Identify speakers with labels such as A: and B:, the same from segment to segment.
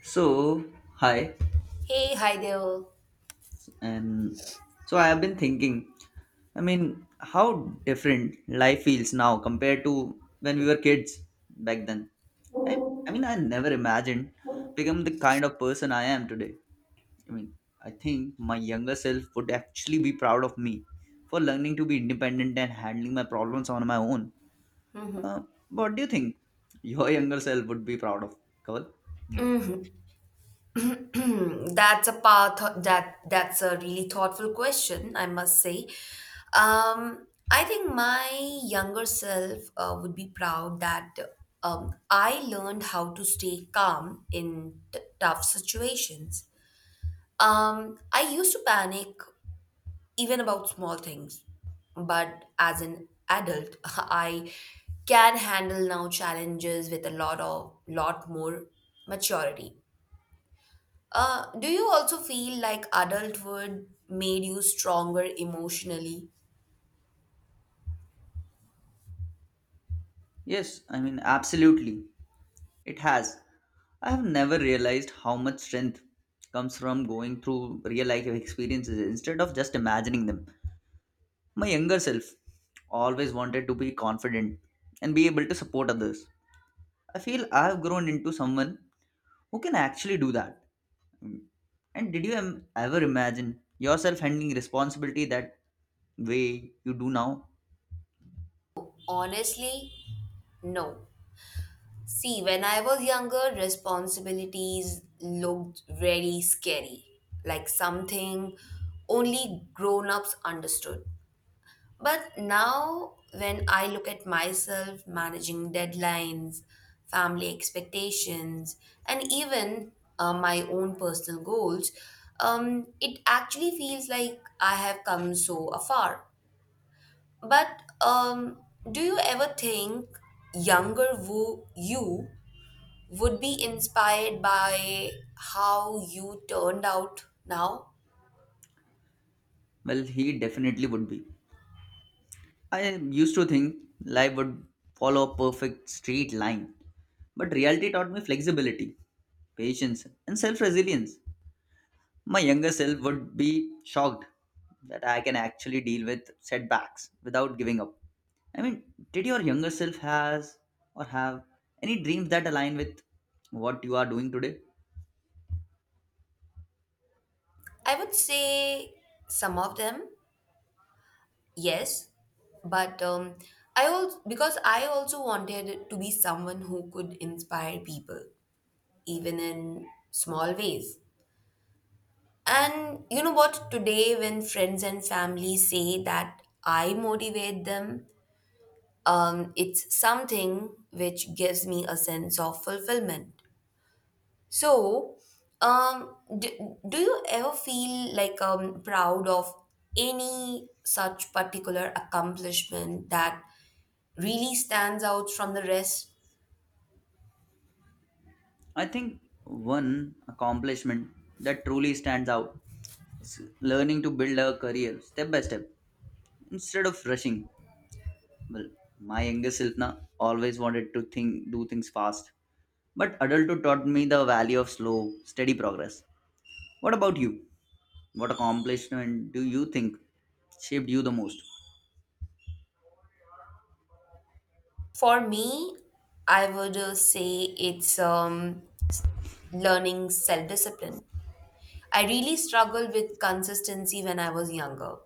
A: So, hi,
B: Hey, hi there.
A: and so I have been thinking. How different life feels now compared to when we were kids back then. I mean, I never imagined become the kind of person I am today. I mean, I think my younger self would actually be proud of me for learning to be independent and handling my problems on my own.
B: Mhm.
A: Uh, what do you think your younger self would be proud of, Kaval? Hmm.
B: That's a path that's a really thoughtful question, I must say. Um, I think my younger self would be proud that I learned how to stay calm in tough situations. I used to panic even about small things, but as an adult, I can handle now challenges with a lot of lot more maturity. Do you also feel like adulthood made you stronger emotionally?
A: Yes, absolutely. It has. I have never realized how much strength comes from going through real life experiences instead of just imagining them. My younger self always wanted to be confident and be able to support others. I feel I've grown into someone who can actually do that. And did you ever imagine yourself handling responsibility that way you do now?
B: Honestly, no. See, when I was younger, responsibilities looked very scary, like something only grown ups understood. But now, when I look at myself managing deadlines, family expectations, and even my own personal goals, it actually feels like I have come so afar. But do you ever think younger Wu you would be inspired by how you turned out now?
A: Well, he definitely would be. I used to think life would follow a perfect straight line, but reality taught me flexibility, patience, and self resilience. My younger self would be shocked that I can actually deal with setbacks without giving up. I mean, did your younger self has or have any dreams that align with what you are doing today?
B: I would say some of them. Yes, but I also because I also wanted to be someone who could inspire people, even in small ways. And you know what? Today, when friends and family say that I motivate them, it's something which gives me a sense of fulfillment. So, do you ever feel like proud of any such particular accomplishment that really stands out from the rest?
A: I think one accomplishment that truly stands out is learning to build a career step by step instead of rushing. Well, my younger self na always wanted to think do things fast, but adulthood taught me the value of slow, steady progress. What about you? What accomplishment do you think shaped you the most?
B: For me, I would say it's s- learning self discipline. I really struggled with consistency when I was younger,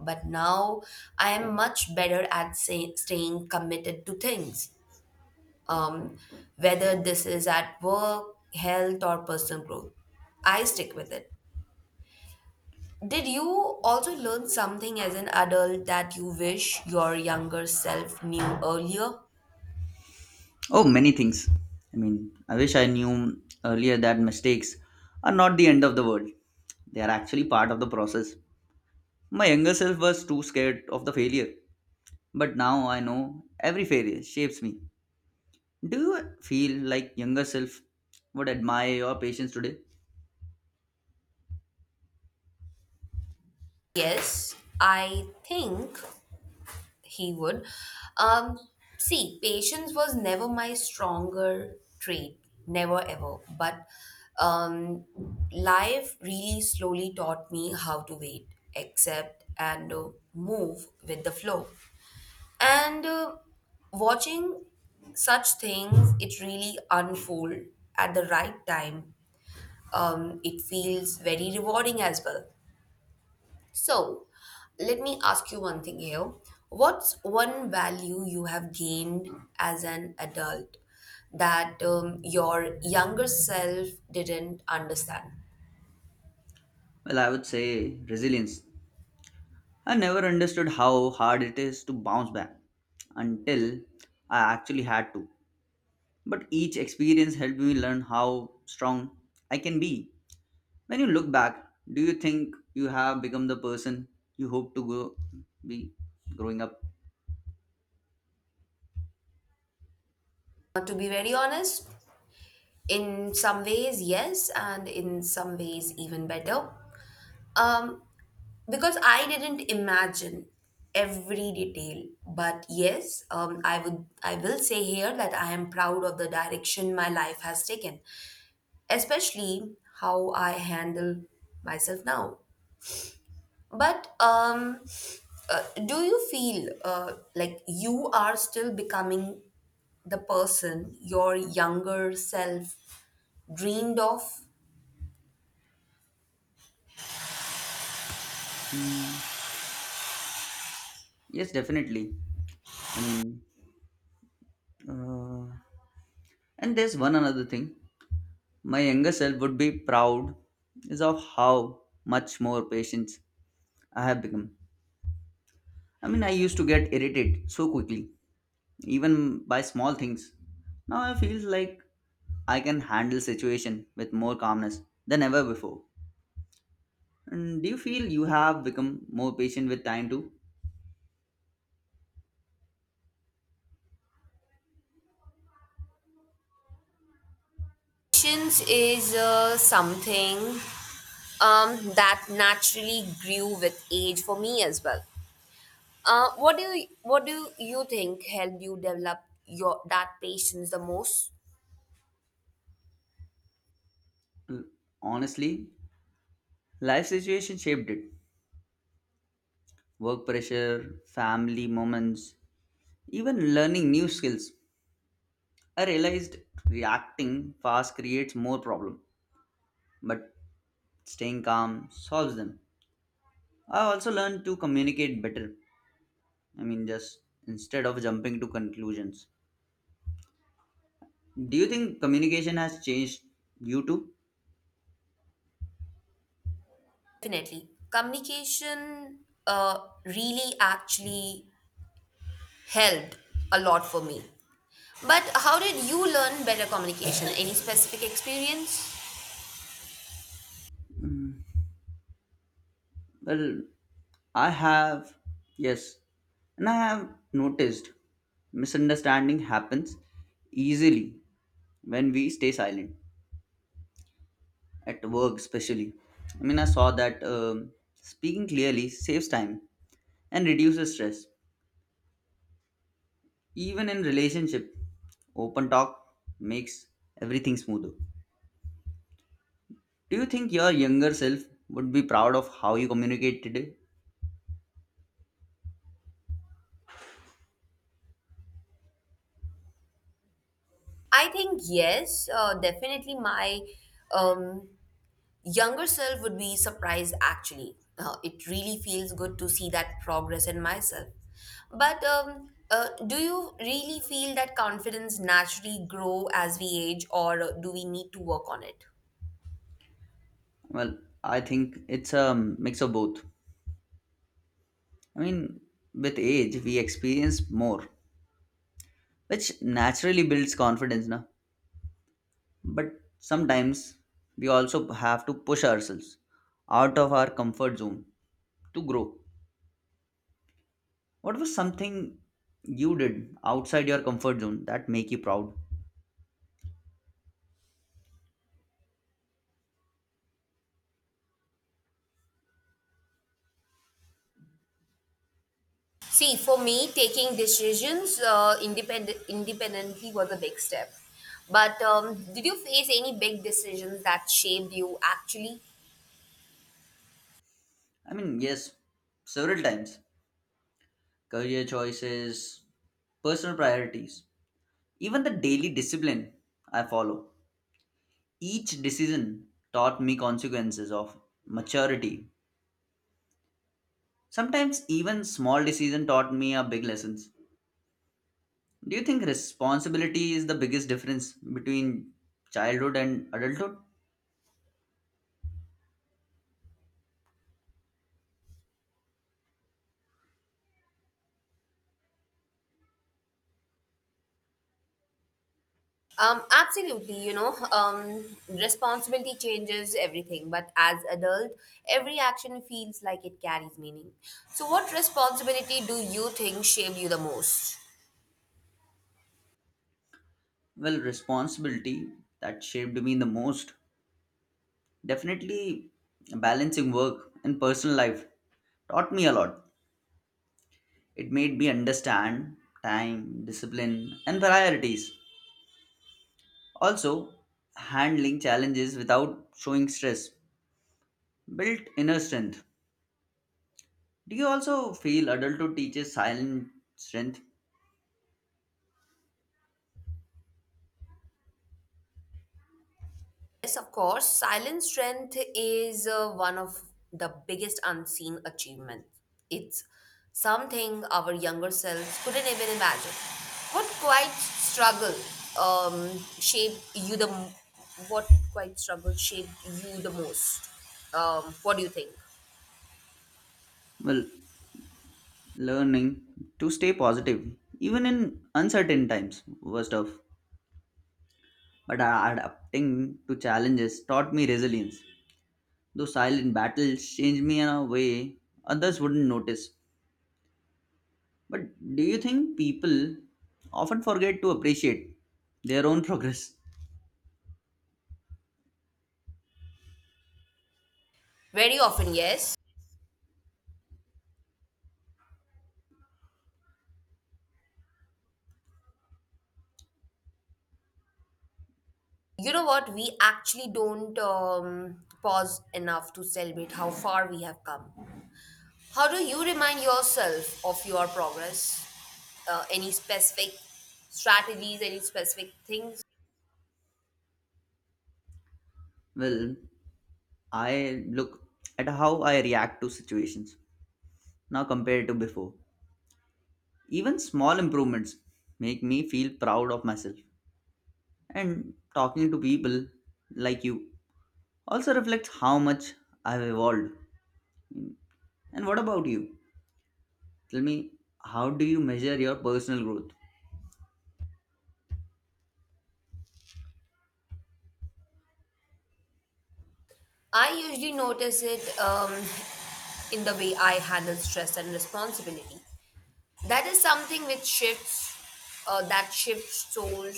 B: but now I am much better at say, staying committed to things, um, whether this is at work, health, or personal growth. I stick with it. Did you also learn something as an adult that you wish your younger self knew earlier?
A: Oh, many things. I wish I knew earlier that mistakes are not the end of the world. They are actually part of the process. My younger self was too scared of the failure, but now I know every failure shapes me. Do you feel like younger self would admire your patience today?
B: Yes, I think he would. Um, See, patience was never my stronger trait, never ever. But um, life really slowly taught me how to wait, accept, and move with the flow. And watching such things, it really unfold at the right time. It feels very rewarding as well. So, let me ask you one thing here. What's one value you have gained as an adult that your younger self didn't understand?
A: Well, I would say resilience. I never understood how hard it is to bounce back until I actually had to. But each experience helped me learn how strong I can be. When you look back, do you think you have become the person you hope to go be growing up?
B: To be very honest, in some ways, yes, and in some ways, even better. Um, because I didn't imagine every detail. But yes, I will say here that I am proud of the direction my life has taken, especially how I handle myself now. But do you feel like you are still becoming the person your younger self dreamed of?
A: Hmm. Yes, definitely. I mean, uh, and there's one another thing. My younger self would be proud is of how much more patient I have become. I used to get irritated so quickly, even by small things. Now I feel like I can handle situation with more calmness than ever before. And do you feel you have become more patient with time too?
B: Patience is something that naturally grew with age for me as well. What do you think helped you develop your that patience the most?
A: Mm, Honestly, life situation shaped it. Work pressure, family moments, even learning new skills. I realized reacting fast creates more problem, but staying calm solves them. I also learned to communicate better. Just instead of jumping to conclusions, do you think communication has changed due to?
B: Definitely. Communication really actually helped a lot for me. But how did you learn better communication? Any specific experience?
A: Well, I have, yes, and I have noticed misunderstanding happens easily when we stay silent at work, especially. I saw that speaking clearly saves time and reduces stress. Even in relationship, open talk makes everything smoother. Do you think your younger self would be proud of how you communicate today?
B: I think yes, definitely my um, younger self would be surprised actually. It really feels good to see that progress in myself. But do you really feel that confidence naturally grow as we age or do we need to work on it?
A: Well, I think it's a mix of both. I mean, with age, we experience more, which naturally builds confidence, na? But sometimes we also have to push ourselves out of our comfort zone to grow. What was something you did outside your comfort zone that make you proud?
B: See, for me, taking decisions independently was a big step. But did you face any big decisions that shaped you actually?
A: Yes, several times. Career choices, personal priorities. Even the daily discipline I follow, each decision taught me consequences of maturity. Sometimes even small decision taught me a big lessons. Do you think responsibility is the biggest difference between childhood and adulthood?
B: Absolutely, you know, responsibility changes everything. But as adult, every action feels like it carries meaning. So, what responsibility do you think shaped you the most?
A: Well, responsibility that shaped me the most. Definitely balancing work and personal life taught me a lot. It made me understand time, discipline, and priorities. Also, handling challenges without showing stress built inner strength. Do you also feel adulthood teaches silent strength?
B: Yes, of course. Silent strength is one of the biggest unseen achievements. It's something our younger selves couldn't even imagine. What quite struggle um, shaped you the m- what quite struggle shaped you the most? What do you think?
A: Well, learning to stay positive, even in uncertain times, was tough. But adapting to challenges taught me resilience. Those silent battles changed me in a way others wouldn't notice. But do you think people often forget to appreciate their own progress?
B: Very often, yes. You know what? We actually don't pause enough to celebrate how far we have come. How do you remind yourself of your progress? Any specific strategies, any specific things?
A: Well, I look at how I react to situations now compared to before. Even small improvements make me feel proud of myself. And talking to people like you also reflects how much I've evolved. And what about you? Tell me, how do you measure your personal growth?
B: I usually notice it in the way I handle stress and responsibility. That is something which shifts, That shifts soul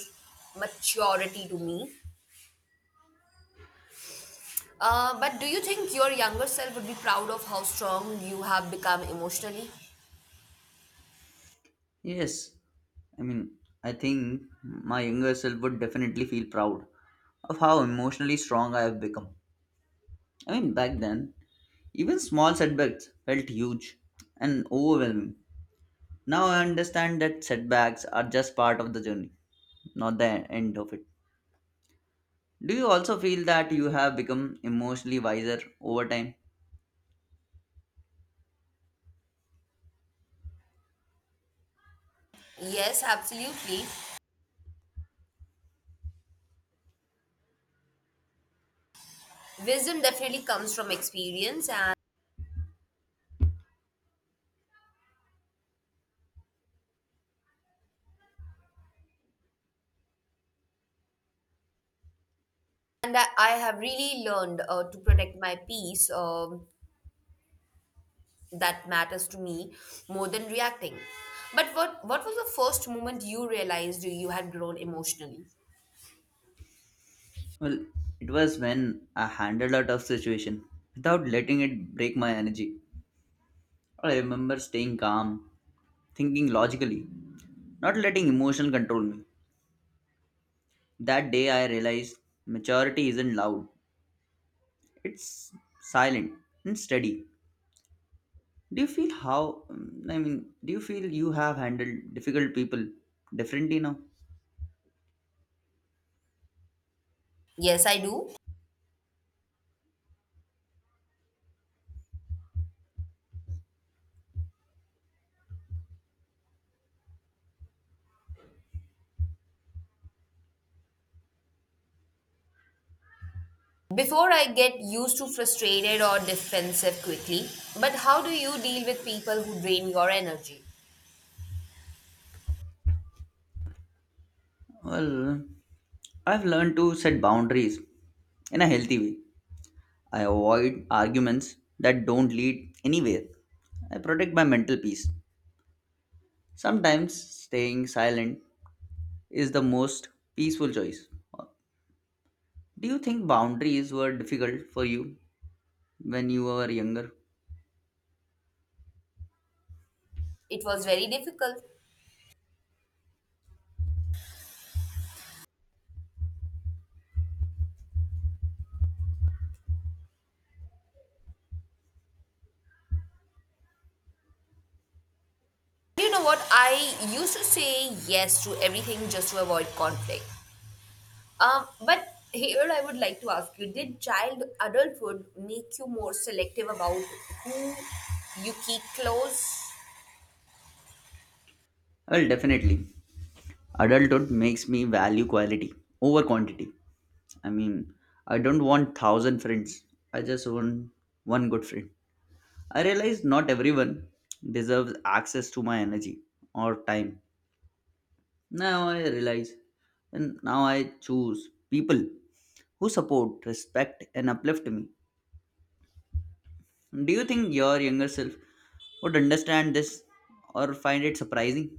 B: maturity to me. But do you think your younger self would be proud of how strong you have become emotionally?
A: Yes, I mean, I think my younger self would definitely feel proud of how emotionally strong I have become. Back then, even small setbacks felt huge and overwhelming. Now I understand that setbacks are just part of the journey, not the end of it. Do you also feel that you have become emotionally wiser over time?
B: Yes, absolutely. Wisdom definitely comes from experience, and I have really learned to protect my peace that matters to me more than reacting. But what was the first moment you realized you had grown emotionally?
A: Well, it was when I handled a tough situation without letting it break my energy. I remember staying calm, thinking logically, not letting emotion control me. That day I realized maturity isn't loud, it's silent and steady. do you feel how um, i mean do you feel you have handled difficult people differently now?
B: Yes, I do. Before I get used to frustrated or defensive quickly, but how do you deal with people who drain your energy?
A: Well, I've learned to set boundaries in a healthy way. I avoid arguments that don't lead anywhere. I protect my mental peace. Sometimes staying silent is the most peaceful choice. Do you think boundaries were difficult for you when you were younger?
B: It was very difficult. You know what? I used to say yes to everything just to avoid conflict. But here I would like to ask you, did child adulthood make you more selective about who you keep close?
A: Well, definitely adulthood makes me value quality over quantity. I mean, I don't want thousand friends. I just want one good friend. I realize not everyone deserves access to my energy or time. Now I realize, and now I choose people who support, respect, and uplift me. Do you think your younger self would understand this or find it surprising?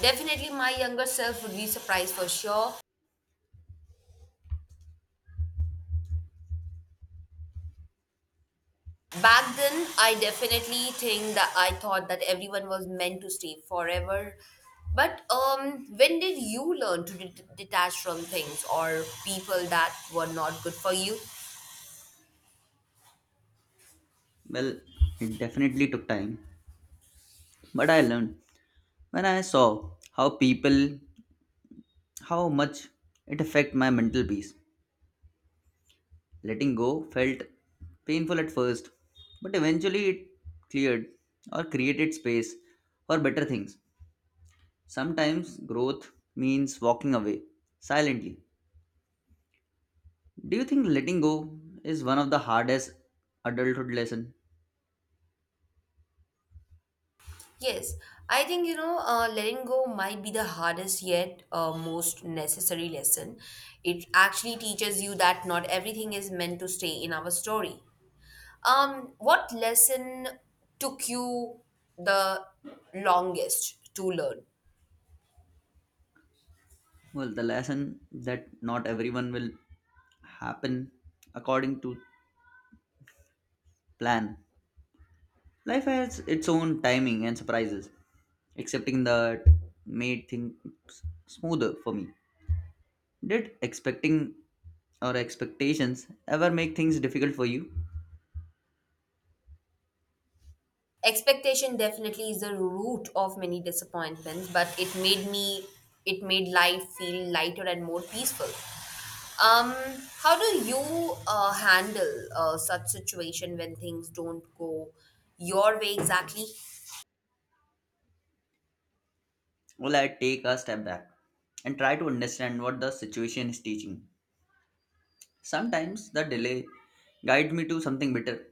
B: Definitely, my younger self would be surprised for sure. Back then, I definitely think that I thought that everyone was meant to stay forever. But when did you learn to detach from things or people that were not good for you?
A: Well, it definitely took time, but I learned. When I saw how people, how much it affect my mental peace, letting go felt painful at first, but eventually it cleared or created space for better things. Sometimes growth means walking away silently. Do you think letting go is one of the hardest adulthood lesson?
B: Yes, I think you know, letting go might be the hardest yet most necessary lesson. It actually teaches you that not everything is meant to stay in our story. What lesson took you the longest to learn?
A: Well, the lesson that not everyone will happen according to plan. Life has its own timing and surprises. Accepting that made things smoother for me. Did expecting or expectations ever make things difficult for you?
B: Expectation definitely is the root of many disappointments, but it made life feel lighter and more peaceful. Um how do you uh, handle such situation when things don't go your way exactly?
A: Well, I take a step back and try to understand what the situation is teaching. Sometimes the delay guides me to something better.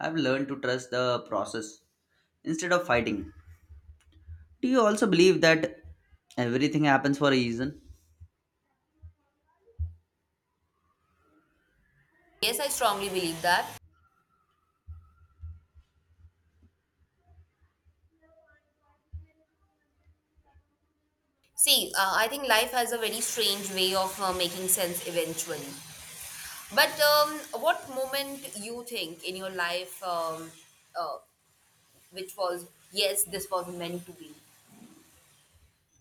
A: I've learned to trust the process instead of fighting. Do you also believe that everything happens for a reason?
B: Yes, I strongly believe that. See, I think life has a very strange way of making sense eventually. But what moment you think in your life, uh, which was yes this was meant to be?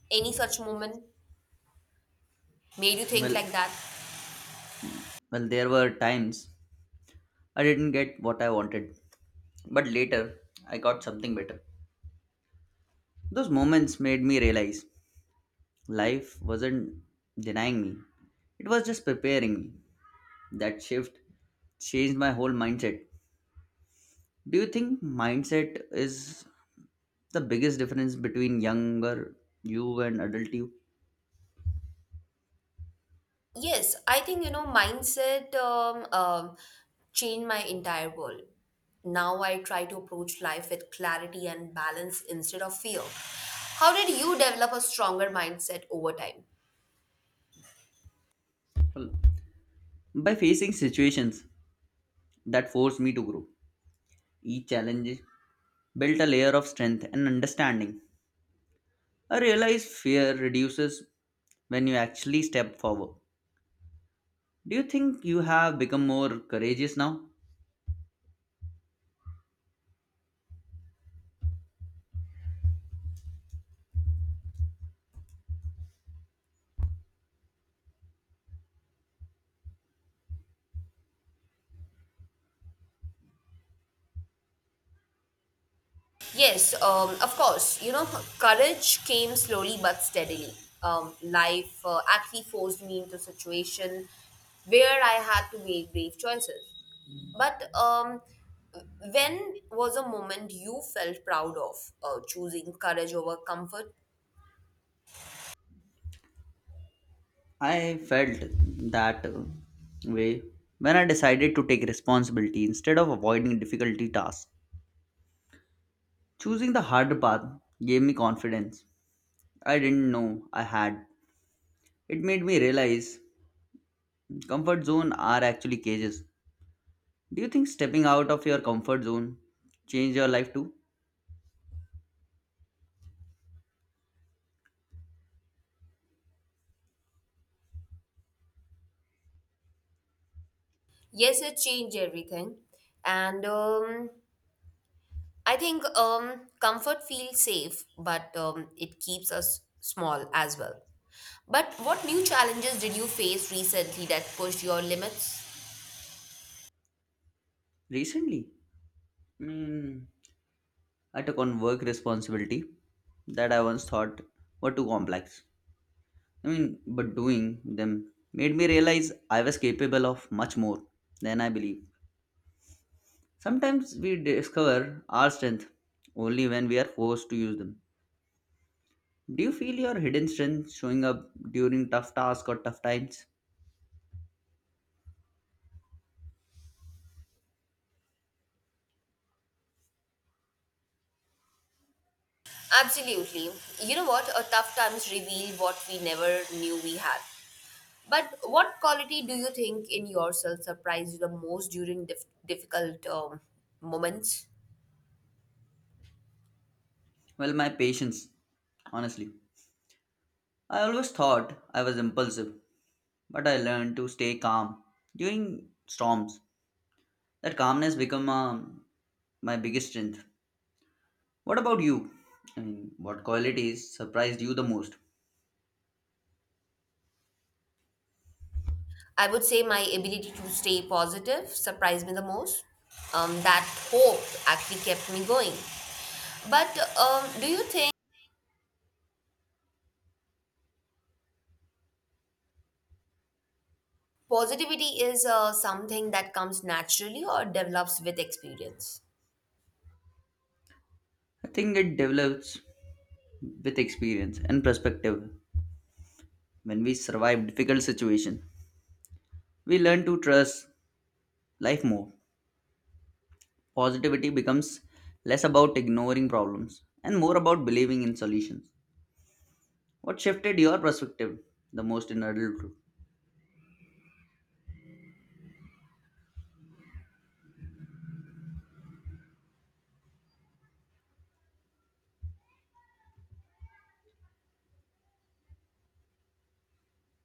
B: Any such moment made you think
A: Well,
B: like that?
A: well, there were times I didn't get what I wanted, but later I got something better. Those moments made me realize life wasn't denying me, it was just preparing me. That shift changed my whole mindset. Do you think mindset is the biggest difference between younger you and adult you?
B: Yes, I think you know mindset changed my entire world. Now I try to approach life with clarity and balance instead of fear. How did you develop a stronger mindset over time?
A: Well, by facing situations that forced me to grow, each challenge built a layer of strength and understanding. I realize fear reduces when you actually step forward. Do you think you have become more courageous now?
B: Yes, of course. You know, courage came slowly but steadily. Life actually forced me into a situation where I had to make brave choices. But when was a moment you felt proud of choosing courage over comfort?
A: I felt that way when I decided to take responsibility instead of avoiding difficulty tasks. Choosing the harder path gave me confidence I didn't know I had. It made me realize comfort zone are actually cages. Do you think stepping out of your comfort zone changed your life too?
B: Yes, it changed everything. And I think comfort feels safe, but it keeps us small as well. But what new challenges did you face recently that pushed your limits?
A: Recently, hmm, I took on work responsibility that I once thought were too complex. But doing them made me realize I was capable of much more than I believe. Sometimes we discover our strength only when we are forced to use them. Do you feel your hidden strength showing up during tough tasks or tough times?
B: Absolutely. You know what? A tough times reveal what we never knew we had. But what quality do you think in yourself surprised you the most during difficult moments?
A: Well, my patience, honestly. I always thought I was impulsive, but I learned to stay calm during storms. That calmness become my biggest strength. What about you? What qualities surprised you the most?
B: I would say my ability to stay positive surprised me the most. That hope actually kept me going. But do you think positivity is something that comes naturally or develops with experience?
A: I think it develops with experience and perspective. When we survive difficult situation, we learn to trust life more. Positivity becomes less about ignoring problems and more about believing in solutions. What shifted your perspective the most in adulthood?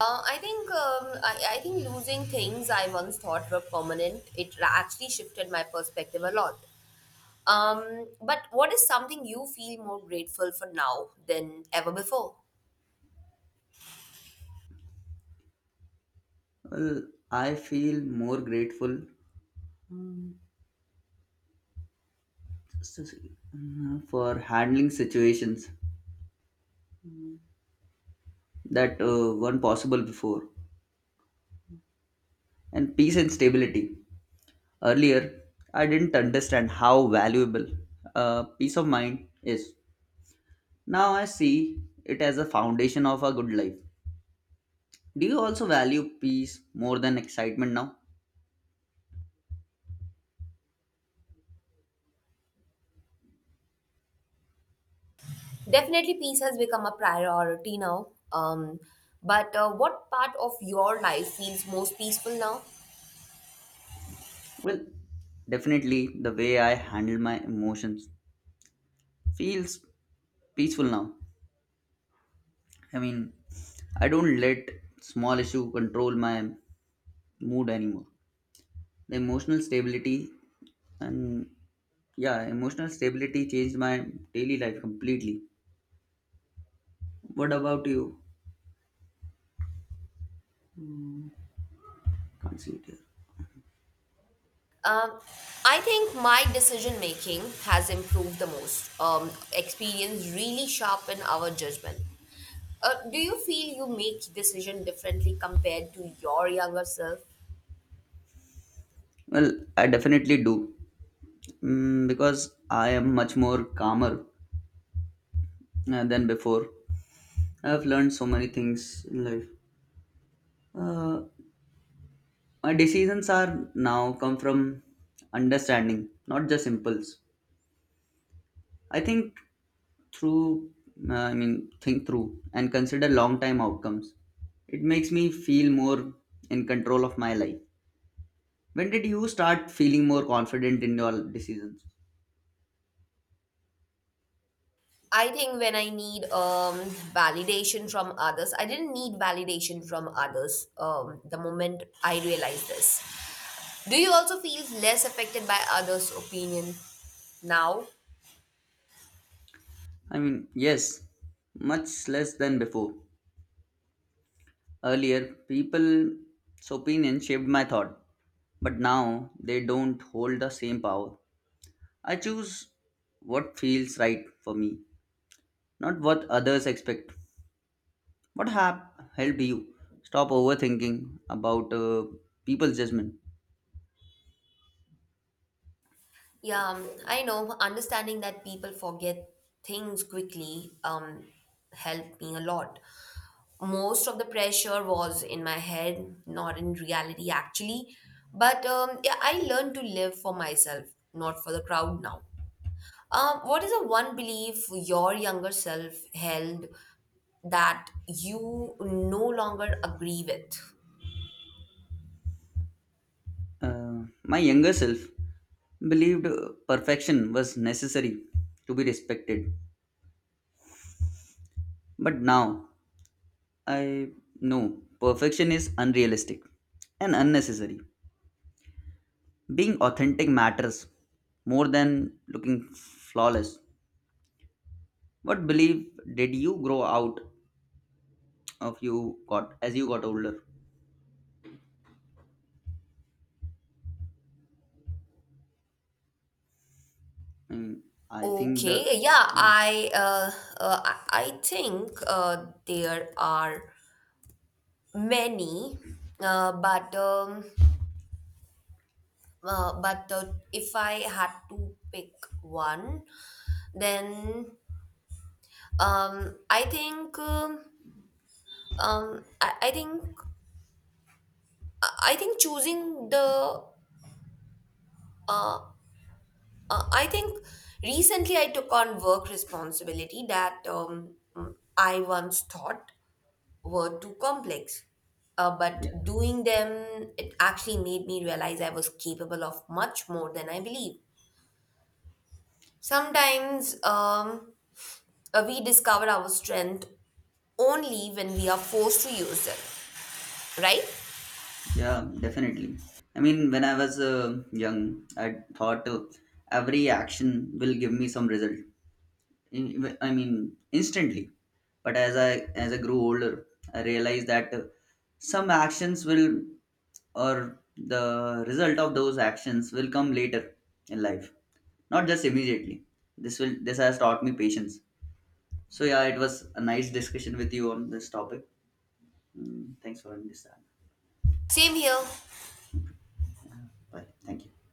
B: I think losing things I once thought were permanent, actually shifted my perspective a lot. But what is something you feel more grateful for now than ever before?
A: Well, I feel more grateful s- s- for handling situations that weren't possible before, and peace and stability. Earlier, I didn't understand how valuable peace of mind is. Now I see it as a foundation of a good life. Do you also value peace more than excitement now?
B: Definitely, peace has become a priority now. But what part of your life feels most peaceful now?
A: Well, definitely the way I handle my emotions feels peaceful now. I mean, I don't let small issue control my mood anymore. The emotional stability and yeah emotional stability changed my daily life completely. What about you? Can't see it here.
B: Um, I think my decision making has improved the most. Experience really sharpen our judgment. Do you feel you make decision differently compared to your younger self?
A: Well, I definitely do. Because I am much more calmer than before. I have learned so many things in life. uh, my decisions are now come from understanding, not just impulse. I think through I mean Think through and consider long time outcomes. It makes me feel more in control of my life. When did you start feeling more confident in your decisions?
B: I think when I need validation from others, I didn't need validation from others the moment I realized this. Do you also feel less affected by others' opinion now?
A: Yes, much less than before. Earlier, people's opinion shaped my thought, but now they don't hold the same power. I choose what feels right for me, not what others expect. What have helped you stop overthinking about people's judgment?
B: Yeah, I know. Understanding that people forget things quickly helped me a lot. Most of the pressure was in my head, not in reality, actually. But yeah, I learned to live for myself, not for the crowd now. What is the one belief your younger self held that you no longer agree with?
A: My younger self believed perfection was necessary to be respected, but now I know perfection is unrealistic and unnecessary. Being authentic matters more than looking flawless. What belief did you grow out of you got as you got older? Mm, I think the
B: Okay, yeah, uh, I I think there are many, uh, but um, but if I had to pick one, then um, I think um, um, I, I think I think choosing the uh, I think recently I took on work responsibility that I once thought were too complex. But
A: yeah.
B: doing them, it actually made me realize I was capable of much more than I believed. Sometimes we discover our strength only when we are forced to use it, right?
A: Yeah, definitely. When I was young, I thought every action will give me some result. I mean, instantly. But as I grew older, I realized that some actions will, or the result of those actions will come later in life, not just immediately. This has taught me patience. So yeah, it was a nice discussion with you on this topic. Mm, thanks for understanding.
B: Same here.
A: Yeah, bye. Thank you.